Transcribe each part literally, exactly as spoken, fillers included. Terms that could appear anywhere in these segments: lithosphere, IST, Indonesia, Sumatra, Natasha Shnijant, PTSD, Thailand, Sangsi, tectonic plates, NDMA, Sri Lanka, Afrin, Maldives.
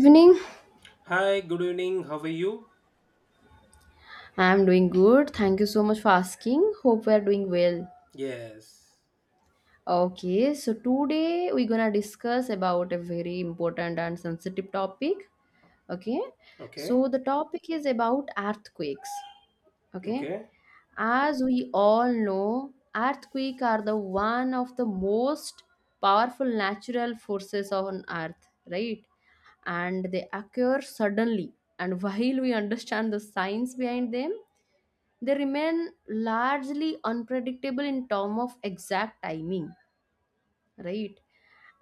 Evening. Hi, good evening. How are you? I'm doing good. Thank you so much for asking. Hope we are doing well. Yes. Okay, so today we're gonna discuss about a very important and sensitive topic. Okay, Okay. so the topic is about earthquakes. Okay, Okay. as we all know, earthquakes are the one of the most powerful natural forces on earth, right? And they occur suddenly. And while we understand the science behind them, they remain largely unpredictable in terms of exact timing, right?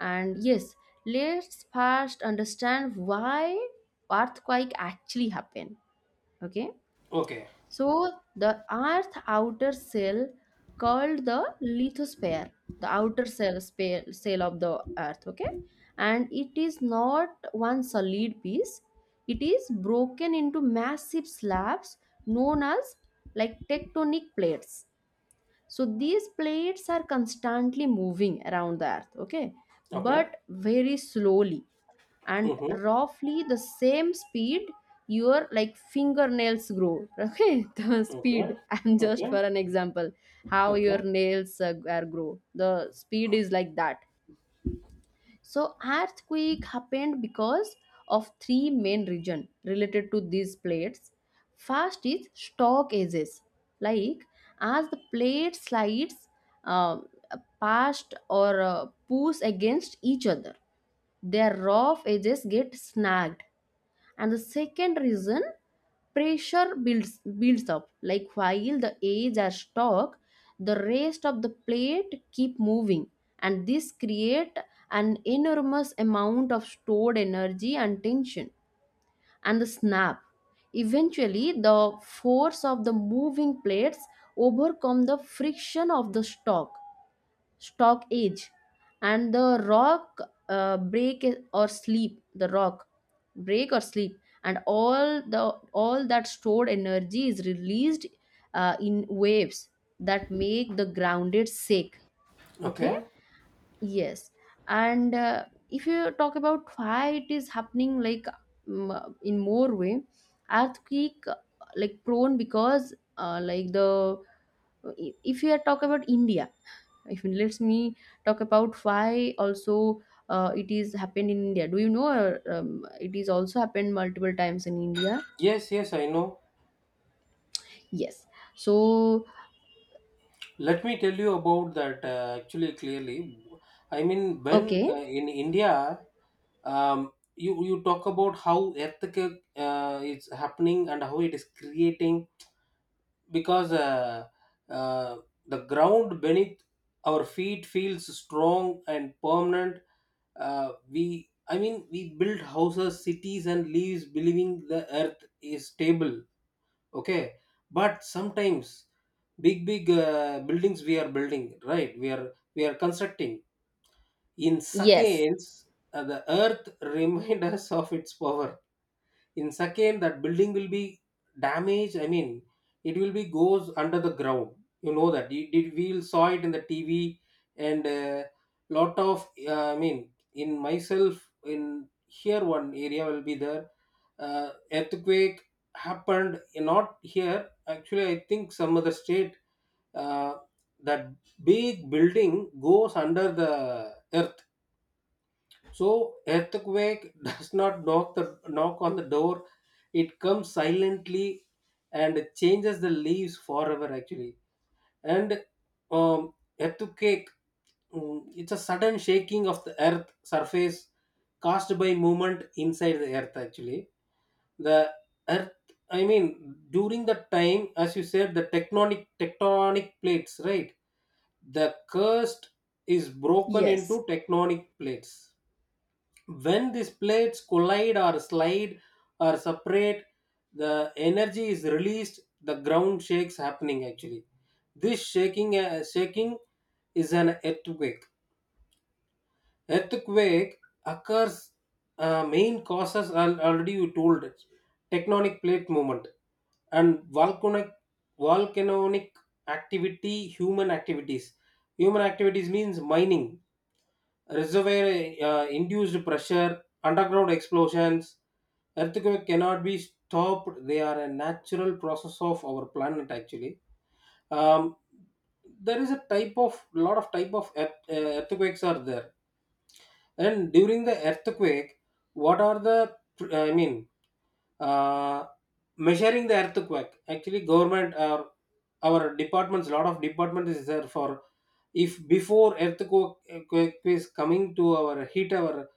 And yes, let's first understand why earthquake actually happen. Okay, Okay. so the earth outer shell called the lithosphere, the outer shell spa- shell of the earth. Okay, and it is not one solid piece, it is broken into massive slabs known as like tectonic plates. So these plates are constantly moving around the earth, okay, Okay. but very slowly, and Mm-hmm. roughly the same speed your like fingernails grow. Okay, the Okay. speed I'm just for Okay. an example how your Okay. nails uh, are grow, the speed is like that. So earthquake happened because of three main region related to these plates. First is stock edges, like as the plate slides uh, past or uh, push against each other, their rough edges get snagged. And the second reason, pressure builds, builds up like while the edges are stuck, the rest of the plate keep moving, and this create an enormous amount of stored energy and tension. And the snap, eventually the force of the moving plates overcome the friction of the stock, stock age and the rock uh, break or sleep, the rock break or sleep, and all the all that stored energy is released uh, in waves that make the grounded shake. Okay. Okay. Yes, and uh, if you talk about why it is happening, like mm, in more way, earthquake, uh, like prone because uh, like the, if you are talk about India, if it lets me talk about why also uh, it is happened in India. Do you know uh, um, it is also happened multiple times in India? Yes, yes, I know. Yes, so Let me tell you about that uh, actually clearly. I mean, when uh, okay. in India, um, you, you talk about how earthquake uh, is happening and how it is creating because uh, uh, the ground beneath our feet feels strong and permanent. Uh, we, I mean, we build houses, cities, and lives, believing the earth is stable. Okay. But sometimes big big uh, buildings we are building, right? We are we are constructing in Yes, seconds. Uh, the earth remind us of its power. In second, that building will be damaged, I mean, it will be goes under the ground. You know that, it, it we saw it in the T V. And uh, lot of uh, I mean, in myself in here one area will be there, uh, earthquake happened not here actually, I think some other state. uh, that big building goes under the earth. So earthquake does not knock the knock on the door. It comes silently and changes the leaves forever actually. And um, earthquake, mm, it's a sudden shaking of the earth surface caused by movement inside the earth actually. The earth, I mean, during that time, as you said, the tectonic tectonic plates, right? The crust is broken yes. into tectonic plates. When these plates collide or slide or separate, the energy is released, the ground shakes happening actually. This shaking, uh, shaking is an earthquake. Earthquake occurs, uh, main causes are already you told it. Tectonic plate movement and volcanic, volcanic activity, human activities. Human activities means mining, reservoir uh, induced pressure, underground explosions. Earthquake cannot be stopped. They are a natural process of our planet actually. Um, there is a type of lot of type of earth, uh, earthquakes are there, and during the earthquake, what are the uh, I mean uh, measuring the earthquake? Actually, government or our departments, lot of department is there for, if before earthquake earthquake is coming to our hit our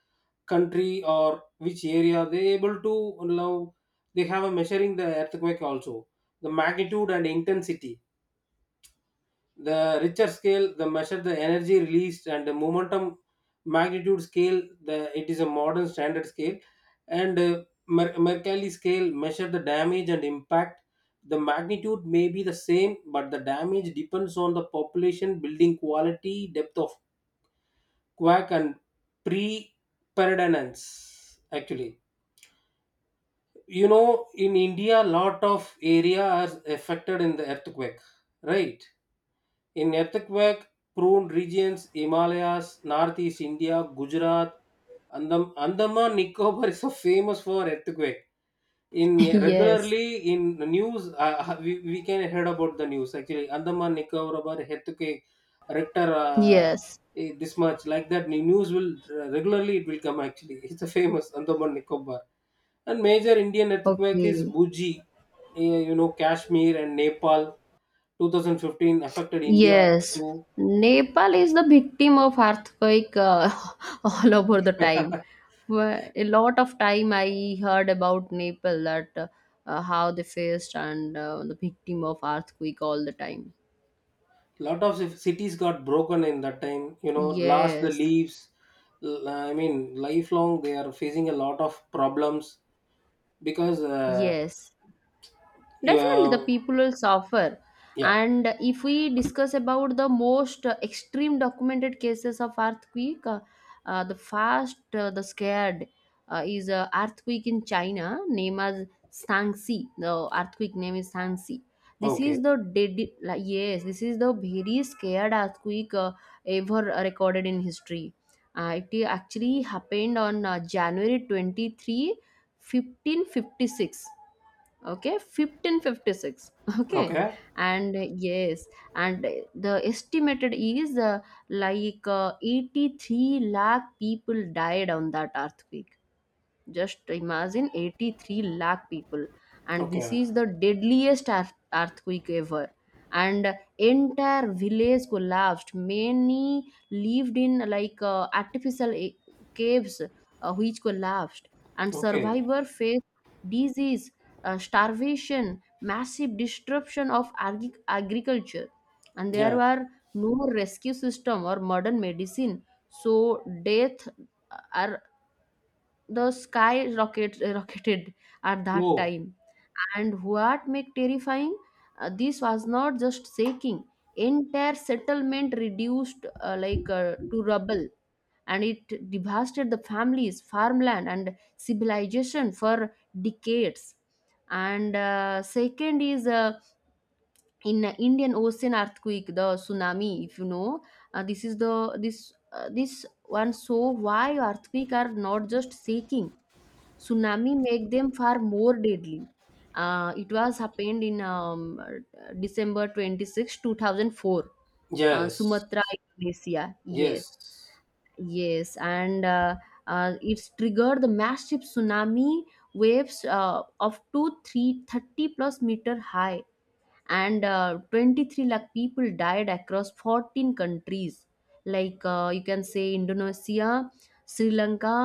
country or which area they able to now. They have a measuring the earthquake also, the magnitude and intensity, the Richter scale, the measure the energy released and the momentum magnitude scale. The It is a modern standard scale. And uh, Mer- Mercalli scale measure the damage and impact. The magnitude may be the same but the damage depends on the population, building quality, depth of quake, and pre predominance actually. You know, in India lot of area are affected in the earthquake, right? In earthquake prone regions, Himalayas, Northeast India, Gujarat, Andam, andaman Nicobar is so famous for earthquake. In Yes, regularly in the news, uh, uh, we, we can heard about the news actually, Andaman Nicobar earthquake rector, uh, yes. eh, this much, like that news will uh, regularly it will come actually. It's a famous Andaman Nicobar. And major Indian earthquake is Okay, Buji, eh, you know, Kashmir and Nepal. twenty fifteen affected India yes. too. Nepal is the victim of earthquake, uh, all over the time. Wh- a lot of time I heard about Nepal, that uh, how they faced and uh, the victim of earthquake all the time. Lot of ci- cities got broken in that time. You know, lost the Yes, leaves. L- I mean, lifelong they are facing a lot of problems because, uh, yes. Definitely, yeah, the people will suffer. yeah, And if we discuss about the most uh, extreme documented cases of earthquake, uh, uh, the first, uh, the scared uh, is a earthquake in China, named as Sangsi. The earthquake name is Sangsi. This okay, is the dedi- like, yes, this is the very scared earthquake uh, ever recorded in history. Uh, it actually happened on uh, January twenty-third, fifteen fifty-six. Okay, fifteen fifty-six, okay. okay, And uh, yes, and uh, the estimated is uh, like uh, eighty-three lakh people died on that earthquake. Just imagine eighty-three lakh people, and this okay, is the deadliest earth- earthquake ever. And entire village collapsed. Many lived in like uh, artificial a- caves, uh, which collapsed, and okay, survivor faced disease, uh, starvation, massive disruption of agri- agriculture, and there yeah. were no rescue system or modern medicine. So death are the sky rocket, eh, rocketed at that Oh, time. And what make terrifying, uh, this was not just shaking, entire settlement reduced uh, like uh, to rubble, and it devastated the families farmland and civilization for decades. And uh, second is uh, in Indian Ocean earthquake, the tsunami, if you know, uh, this is the this uh, this one. So why earthquake are not just shaking? Tsunami make them far more deadly. Uh, it was happened in um, December twenty-sixth, two thousand four, uh, yes, Sumatra, Indonesia. Yes. yes, Yes, and uh, uh, it's triggered the massive tsunami waves uh, of two three, thirty plus meter high, and uh, twenty-three lakh people died across fourteen countries, like uh, you can say Indonesia, Sri Lanka,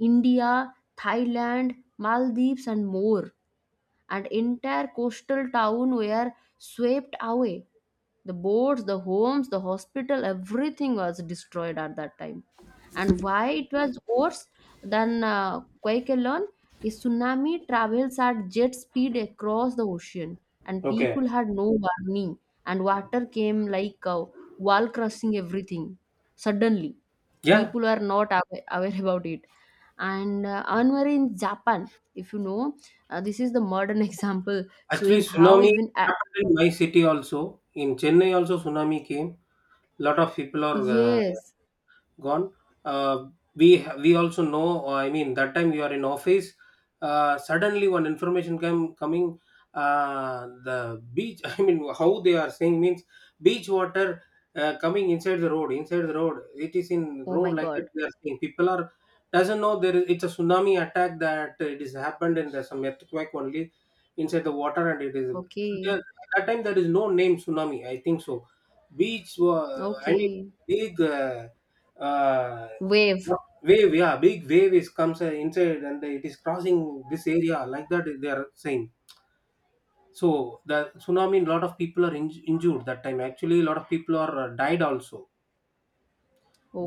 India, Thailand, Maldives and more. And entire coastal town were swept away. The boats, the homes, the hospital, everything was destroyed at that time. And why it was worse than uh, quake alone is tsunami travels at jet speed across the ocean, and okay, people had no warning, and water came like a wall crushing everything. Suddenly, yeah. people were not awa- aware about it. And uh, anwar in Japan, if you know, uh, this is the modern example, Actually, showing how tsunami even a- happened in my city also. In Chennai also tsunami came. Lot of people are uh, yes. gone. uh, we we also know, uh, I mean, that time you are in office. Uh, suddenly, one information came coming. Uh, the beach, I mean, how they are saying means, beach water uh, coming inside the road, inside the road it is in Oh my road, like god. that they are saying, people are doesn't know there is it's a tsunami attack that it is happened, and there's some earthquake only inside the water and it is there. Okay. At that time, there is no name tsunami, I think so. Beach, uh, I mean, Okay. big uh, uh, Wave. wave, yeah, big wave is comes uh, inside and it is crossing this area, like that they are saying. So the tsunami, lot of people are inj- injured that time, actually a lot of people are uh, died also.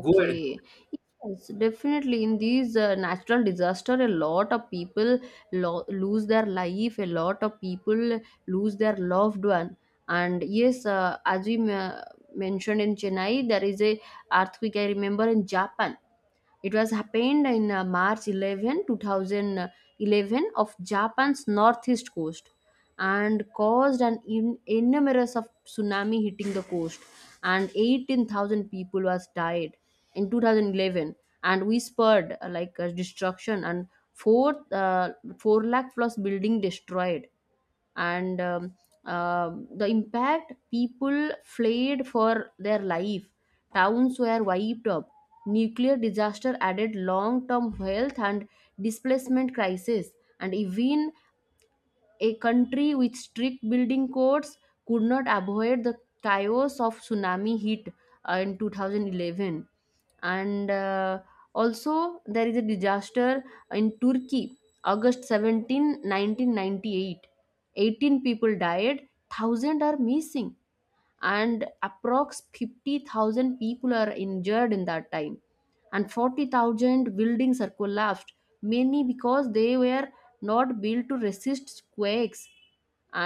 Go ahead. yes, definitely in these uh, natural disaster a lot of people lo- lose their life, a lot of people lose their loved one. And yes, uh, as we ma- mentioned in Chennai, there is a earthquake. I remember in Japan, it was happened in uh, March eleventh, two thousand eleven, two thousand eleven of Japan's northeast coast, and caused an in- enormous of tsunami hitting the coast, and eighteen thousand people was died in two thousand eleven. And we spurred uh, like uh, destruction, and four uh, four lakh plus building destroyed. And um, um, the impact, people fled for their life, towns were wiped up, nuclear disaster added long term health and displacement crisis, and even a country with strict building codes could not avoid the chaos of tsunami hit uh, in two thousand eleven. And uh, also there is a disaster in Turkey, August seventeenth, nineteen ninety-eight, eighteen people died, thousands are missing, and approx fifty thousand people are injured in that time, and forty thousand buildings are collapsed, many because they were not built to resist quakes.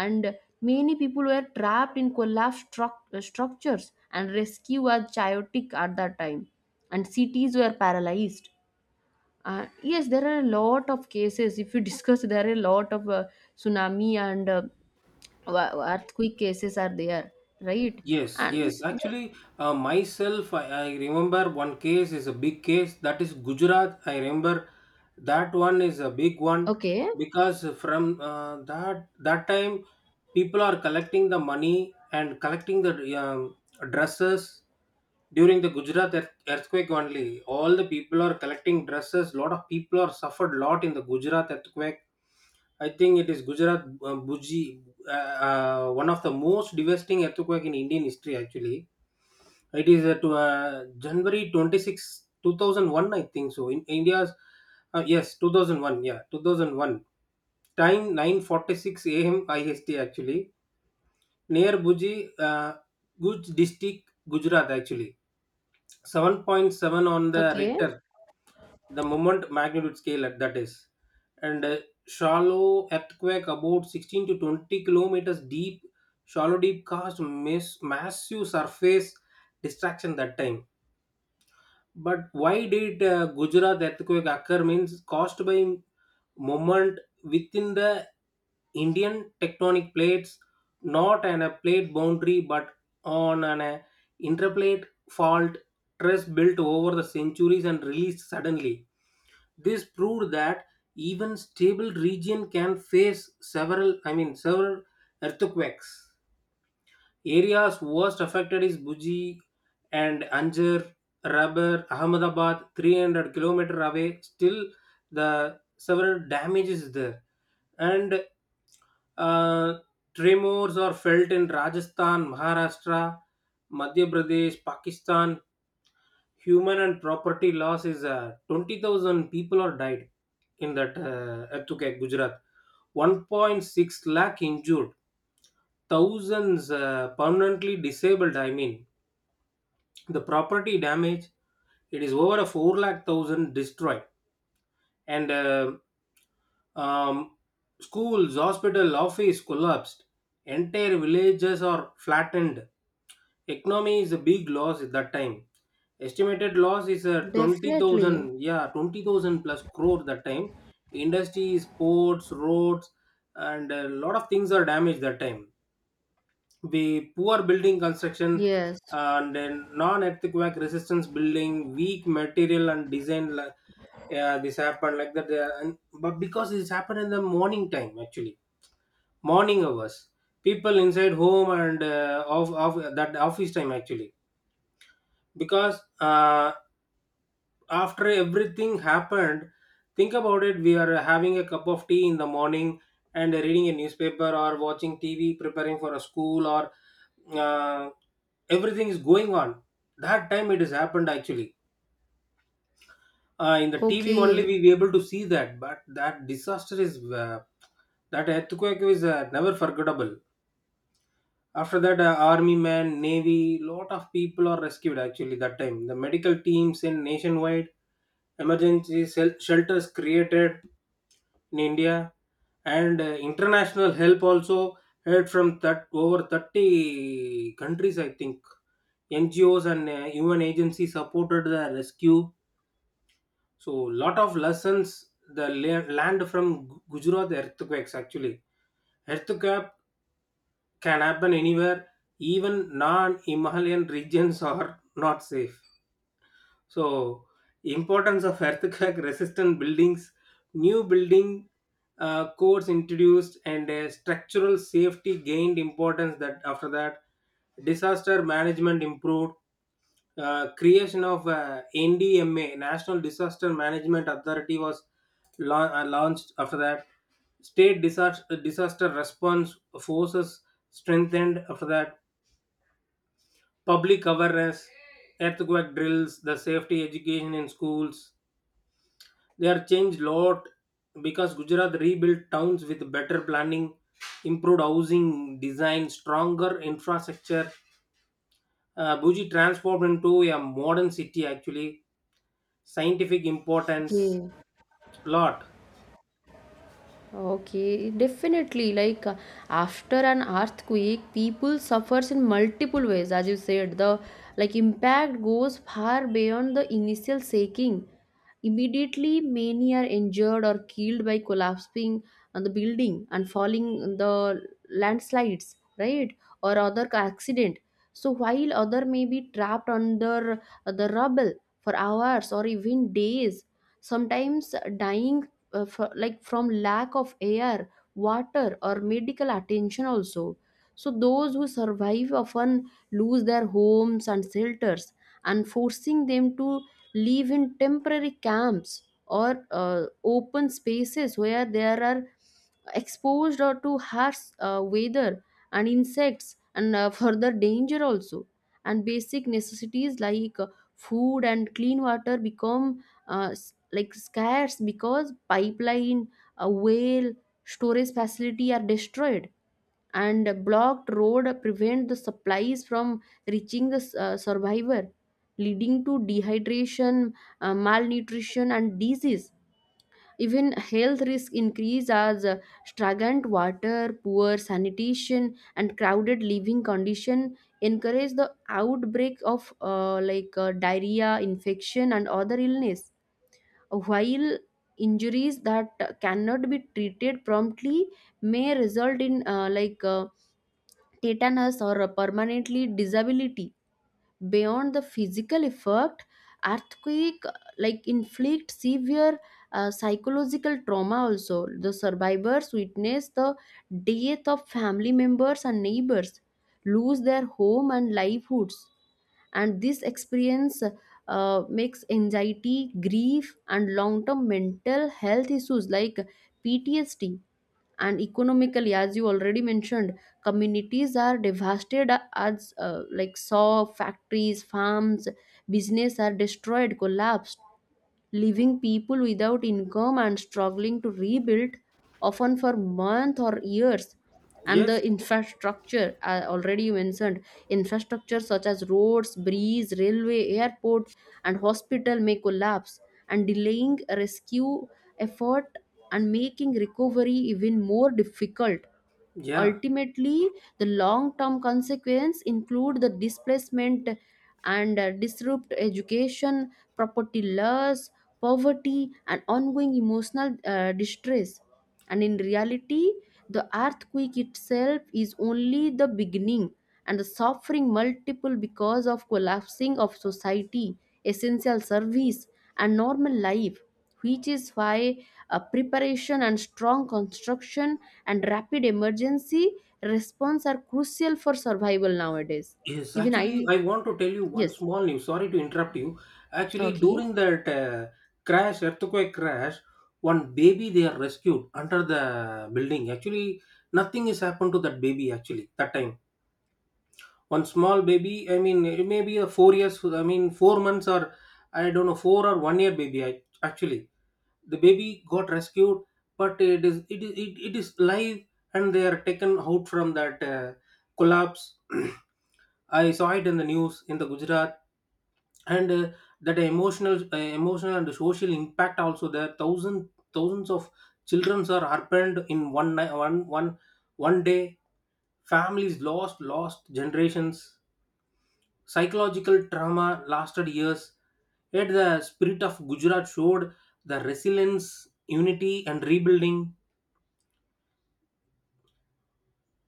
And many people were trapped in collapsed struc- uh, structures, and rescue was chaotic at that time, and cities were paralyzed. Uh, yes, there are a lot of cases. If you discuss, there are a lot of uh, tsunami and uh, wa- earthquake cases are there, right? Yes, And yes. this, the, Actually, uh, myself, I, I remember one case is a big case. That is Gujarat. I remember that one is a big one, okay, because from uh, that that time, people are collecting the money and collecting the um, dresses during the Gujarat earth- earthquake only. All the people are collecting dresses. Lot of people are suffered lot in the Gujarat earthquake. I think it is Gujarat uh, Bhuji, uh, uh, one of the most devastating earthquake in Indian history. Actually, it is at uh, January twenty-sixth, two thousand one, I think so. In India's, uh, yes, twenty oh one, yeah, two thousand one. Time nine forty-six a m. I S T actually, near Bhuji, uh, Guj district, Gujarat actually. seven point seven on the okay. Richter, the moment magnitude scale at that is, and a shallow earthquake about sixteen to twenty kilometers deep, shallow deep, caused mass, massive surface destruction that time. But why did uh, Gujarat earthquake occur means caused by moment within the Indian tectonic plates, not on a plate boundary but on an uh, interplate fault. Stress built over the centuries and released suddenly. This proved that even stable region can face several, I mean, several earthquakes. Areas worst affected is Buji and Anjar, Rabar, Ahmedabad, three hundred kilometer away. Still, the several damage is there, and uh, tremors are felt in Rajasthan, Maharashtra, Madhya Pradesh, Pakistan. Human and property loss is uh, twenty thousand people are died in that uh, earthquake, Gujarat. one point six lakh injured, thousands uh, permanently disabled. I mean, the property damage, it is over a four lakh thousand destroyed, and uh, um, schools, hospital, office collapsed. Entire villages are flattened. Economy is a big loss at that time. Estimated loss is a Definitely. twenty thousand, yeah, twenty thousand plus crore that time. Industries, ports, roads, and a lot of things are damaged that time. The poor building construction, Yes. uh, and then non-earthquake resistance building, weak material and design, li- yeah, this happened like that. uh, And, but because this happened in the morning time, actually, morning hours, people inside home and uh, off, off that office time actually. Because uh, after everything happened, think about it, we are having a cup of tea in the morning and reading a newspaper or watching T V, preparing for a school or uh, everything is going on, that time it has happened actually. Uh, in the T V only Okay. we were able to see that, but that disaster is uh, that earthquake is uh, never forgettable. After that, uh, army man, navy, lot of people are rescued actually that time, the medical teams in nationwide emergency sel- shelters created in India. And uh, international help also heard from that, over thirty countries I think, N G Os and uh, U N agencies supported the rescue. So, lot of lessons, the la- land from Gu- gujarat earthquakes actually. Earthquake can happen anywhere, even non-Himalayan regions are not safe. So importance of earthquake resistant buildings, new building uh, codes introduced and a structural safety gained importance, that after that disaster management improved. Uh, creation of uh, N D M A, National Disaster Management Authority, was la- uh, launched after that. State disaster, disaster response forces strengthened after that. Public awareness, earthquake drills, the safety education in schools. They are changed lot because Gujarat rebuilt towns with better planning, improved housing design, stronger infrastructure. Uh, Bhuji transformed into a modern city actually, scientific importance Okay. lot. Okay, definitely. Like, uh, after an earthquake, people suffers in multiple ways. As you said, the like impact goes far beyond the initial shaking. Immediately, many are injured or killed by collapsing on the building and falling on the landslides, right, or other ca- accident. So while other may be trapped under uh, the rubble for hours or even days, sometimes dying uh, for, like from lack of air water or medical attention also. So those who survive often lose their homes and shelters, and forcing them to live in temporary camps or uh, open spaces where there are exposed or to harsh uh, weather and insects and uh, further danger also. And basic necessities like uh, food and clean water become uh, s- like scarce because pipeline, a whale storage facility are destroyed, and a blocked road prevent the supplies from reaching the s- uh, survivor, leading to dehydration, uh, malnutrition and disease. Even health risk increase as uh, stagnant water, poor sanitation and crowded living condition encourage the outbreak of uh, like uh, diarrhea infection and other illness, while injuries that cannot be treated promptly may result in uh, like uh, tetanus or a permanently disability. Beyond the physical effect, earthquake uh, like inflict severe uh, psychological trauma also. The survivors witness the death of family members and neighbors, lose their home and livelihoods, and this experience uh, makes anxiety, grief and long-term mental health issues like PTSD. And economically, as you already mentioned, communities are devastated, as uh, like saw factories, farms, business are destroyed, collapsed, leaving people without income and struggling to rebuild, often for months or years. And Yes. the infrastructure, I already mentioned, infrastructure such as roads, bridges, railway, airport, and hospital may collapse, and delaying rescue effort and making recovery even more difficult. Yeah. Ultimately, the long term consequences include the displacement and uh, disrupt education, property loss, poverty, and ongoing emotional uh, distress. And in reality, the earthquake itself is only the beginning, and the suffering multiple because of collapsing of society, essential service, and normal life, which is why uh, preparation and strong construction and rapid emergency response are crucial for survival nowadays. Yes, Even actually I, I want to tell you one yes. small news, sorry to interrupt you. Actually, Okay. during that uh, crash, earthquake crash, one baby they are rescued under the building actually. Nothing has happened to that baby actually that time. One small baby, I mean, it may be a four years, I mean four months, or I don't know, four or one year baby, I, actually the baby got rescued, but it is it is it, it is live and they are taken out from that uh, collapse. I saw it in the news in the Gujarat. And uh, that emotional uh, emotional and social impact also there. Thousand thousands thousands of children are harpened in one ni- one one one day. Families lost lost generations, psychological trauma lasted years. Yet the spirit of Gujarat showed the resilience, unity, and rebuilding.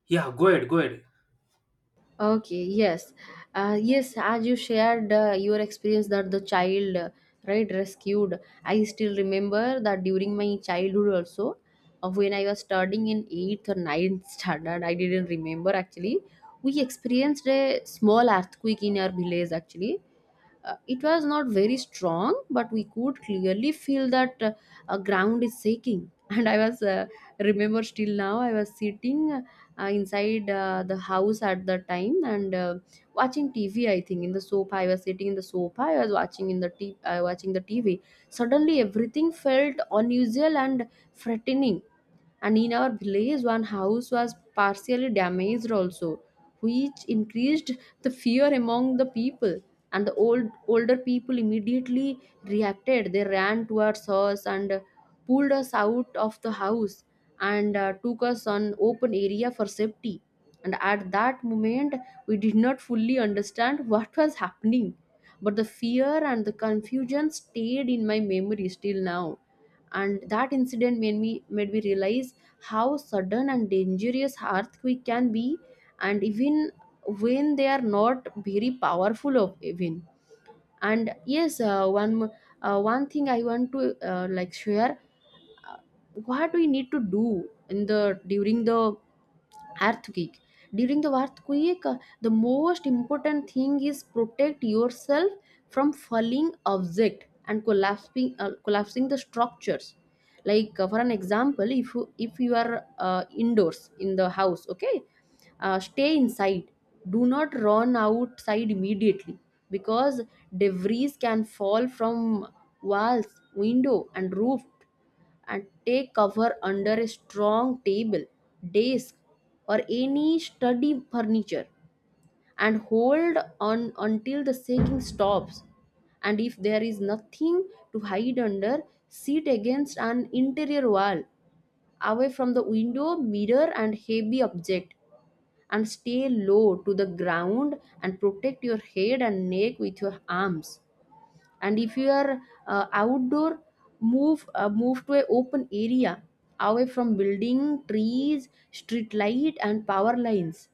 Yeah, go ahead, go ahead. Okay. Yes, uh, yes, as you shared uh, your experience that the child uh, right, rescued, I still remember that during my childhood also, uh, when I was studying in eighth or ninth standard, I didn't remember actually, we experienced a small earthquake in our village actually. Uh, it was not very strong, but we could clearly feel that uh, uh, ground is shaking. And I was uh, remember still now. I was sitting uh, inside uh, the house at the time and uh, watching T V. I think in the sofa. I was sitting in the sofa. I was watching in the t- uh, watching the T V. Suddenly, everything felt unusual and threatening, and in our village one house was partially damaged also, which increased the fear among the people, and the old older people immediately reacted. They ran towards us and pulled us out of the house and uh, took us on open area for safety. And at that moment we did not fully understand what was happening, but the fear and the confusion stayed in my memory still now. And that incident made me made me realize how sudden and dangerous earthquake can be, and even when they are not very powerful of even. And yes, uh, one mo- uh, one thing I want to uh, like share uh, what we need to do in the during the earthquake. During the earthquake, uh, the most important thing is protect yourself from falling object and collapsing uh, collapsing the structures. Like, uh, for an example, if you if you are uh, indoors in the house, okay, uh, stay inside, do not run outside immediately, because debris can fall from walls, window and roof. And take cover under a strong table, desk, or any study furniture, and hold on until the shaking stops. And if there is nothing to hide under, sit against an interior wall, away from the window, mirror, and heavy object, and stay low to the ground and protect your head and neck with your arms. And if you are uh, outdoor, move uh, move to a open area, away from building, trees, street light and power lines.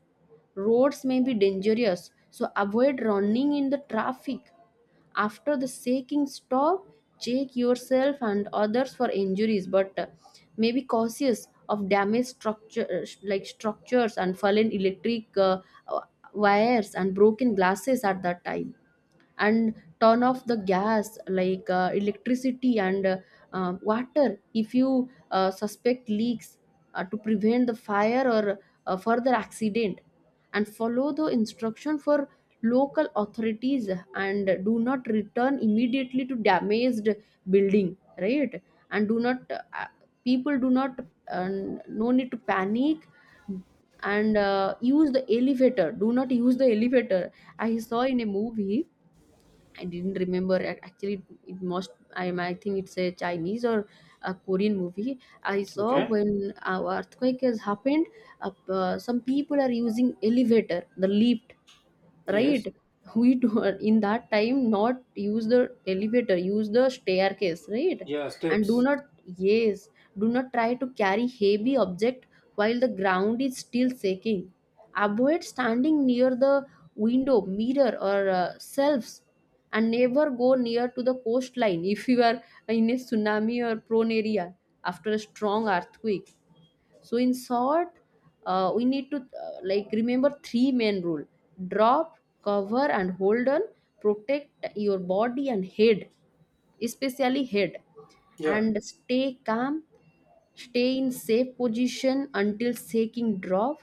Roads may be dangerous, so avoid running in the traffic. After the shaking stop, check yourself and others for injuries, but uh, may be cautious of damaged structures like structures and fallen electric uh, uh, wires and broken glasses at that time. And turn off the gas, like uh, electricity and uh, uh, water, if you uh, suspect leaks, uh, to prevent the fire or uh, further accident. And follow the instruction for local authorities, and do not return immediately to damaged building, right? And do not uh, people do not uh, no need to panic. And uh, use the elevator do not use the elevator. I saw in a movie, I didn't remember ac- actually, it must, I am- I think it's a Chinese or a Korean movie I saw, Okay. when our earthquake has happened. Uh, uh, some people are using elevator, the lift, right? Yes, We do in that time not use the elevator, use the staircase, right? yeah, And do steps. not, yes, do not try to carry heavy object while the ground is still shaking. Avoid standing near the window, mirror or uh, shelves, and never go near to the coastline if you are in a tsunami or prone area after a strong earthquake. So in short, uh, we need to uh, like remember three main rule: drop, cover, and hold on. Protect your body and head, especially head, Yeah, and stay calm. Stay in safe position until shaking drop.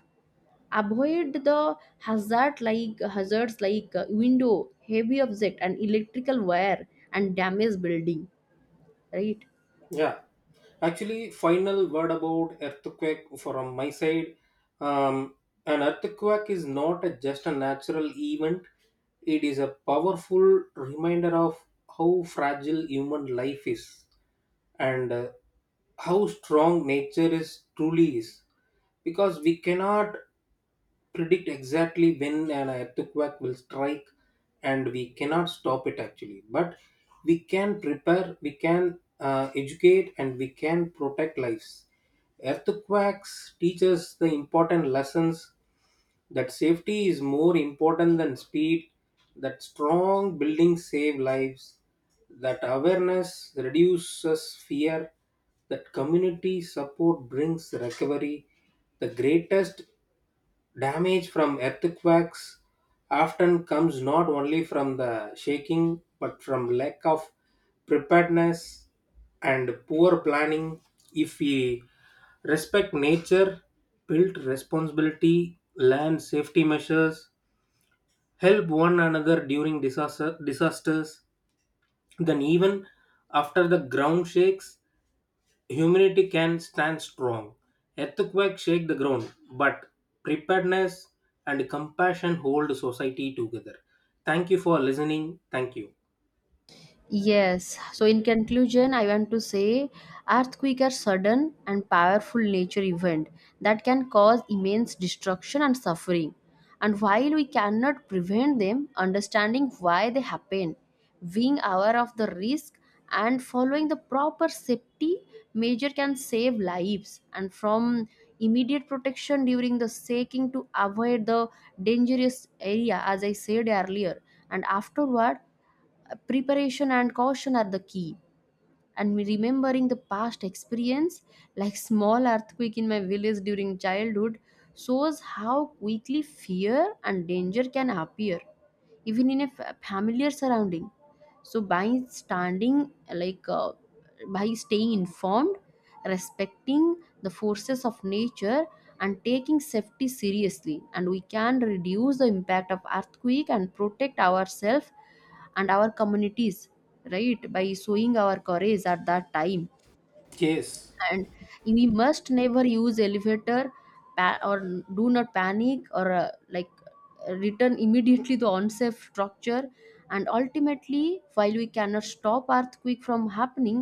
Avoid the hazard like hazards, like uh, window, heavy object, and electrical wire and damaged building. Right. yeah. Actually, final word about earthquake from my side. Um, an earthquake is not a, just a natural event, it is a powerful reminder of how fragile human life is and uh, how strong nature is truly is. Because we cannot predict exactly when an earthquake will strike, and we cannot stop it actually. But we can prepare, we can uh, educate, and we can protect lives. Earthquakes teach us the important lessons: that safety is more important than speed, that strong buildings save lives, that awareness reduces fear, that community support brings recovery. The greatest damage from earthquakes often comes not only from the shaking but from lack of preparedness and poor planning. If we respect nature, build responsibility, learn safety measures, help one another during disaster, disasters, then even after the ground shakes, humanity can stand strong. Earthquakes shake the ground, but preparedness and compassion hold society together. Thank you for listening. Thank you. Yes. So, in conclusion, I want to say earthquake are sudden and powerful nature event that can cause immense destruction and suffering. And while we cannot prevent them, understanding why they happen, being aware of the risk, and following the proper safety measure can save lives. And from immediate protection during the shaking to avoid the dangerous area, as I said earlier, and afterward, preparation and caution are the key. And me remembering the past experience, like small earthquake in my village during childhood, shows how quickly fear and danger can appear, even in a fa- familiar surrounding. So by standing, like uh, by staying informed, respecting the forces of nature, and taking safety seriously, and we can reduce the impact of earthquake and protect ourselves and our communities, right, by showing our courage at that time. Yes, And we must never use elevator, pa- or do not panic or uh, like return immediately to unsafe structure. And ultimately, while we cannot stop earthquake from happening,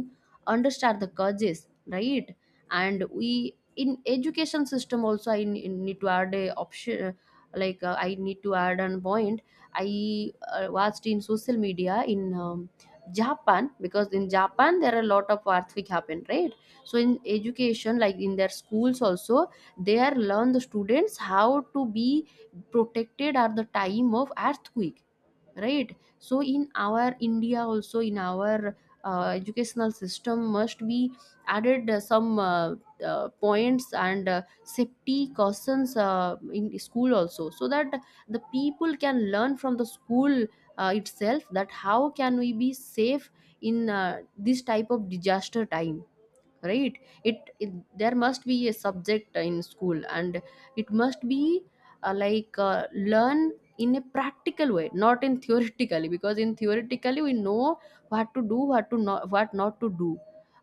understand the causes, right? And we in education system also, i n- need to add a option, like, uh, I need to add an point. I uh, watched in social media in um, Japan, because in Japan there are a lot of earthquake happen, right? So in education, like in their schools also, they are learn the students how to be protected at the time of earthquake, right? So in our India also, in our uh, educational system must be added uh, some uh, uh, points and uh, safety cautions uh, in school also, so that the people can learn from the school uh, itself, that how can we be safe in uh, this type of disaster time, right? It, it there must be a subject in school, and it must be uh, like uh, learn in a practical way, not in theoretically, because in theoretically we know what to do, what to not, what not to do,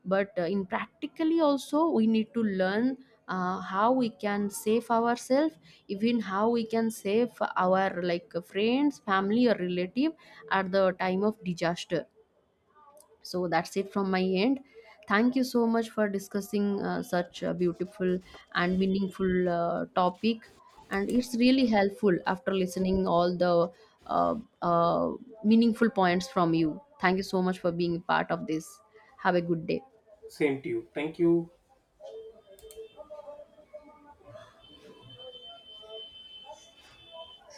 but uh, in practically also we need to learn uh, how we can save ourselves, even how we can save our like friends, family or relative at the time of disaster. So that's it from my end. Thank you so much for discussing uh, such a beautiful and meaningful uh, topic. And it's really helpful after listening all the uh, uh, meaningful points from you. Thank you so much for being part of this. Have a good day. same to you. Thank you.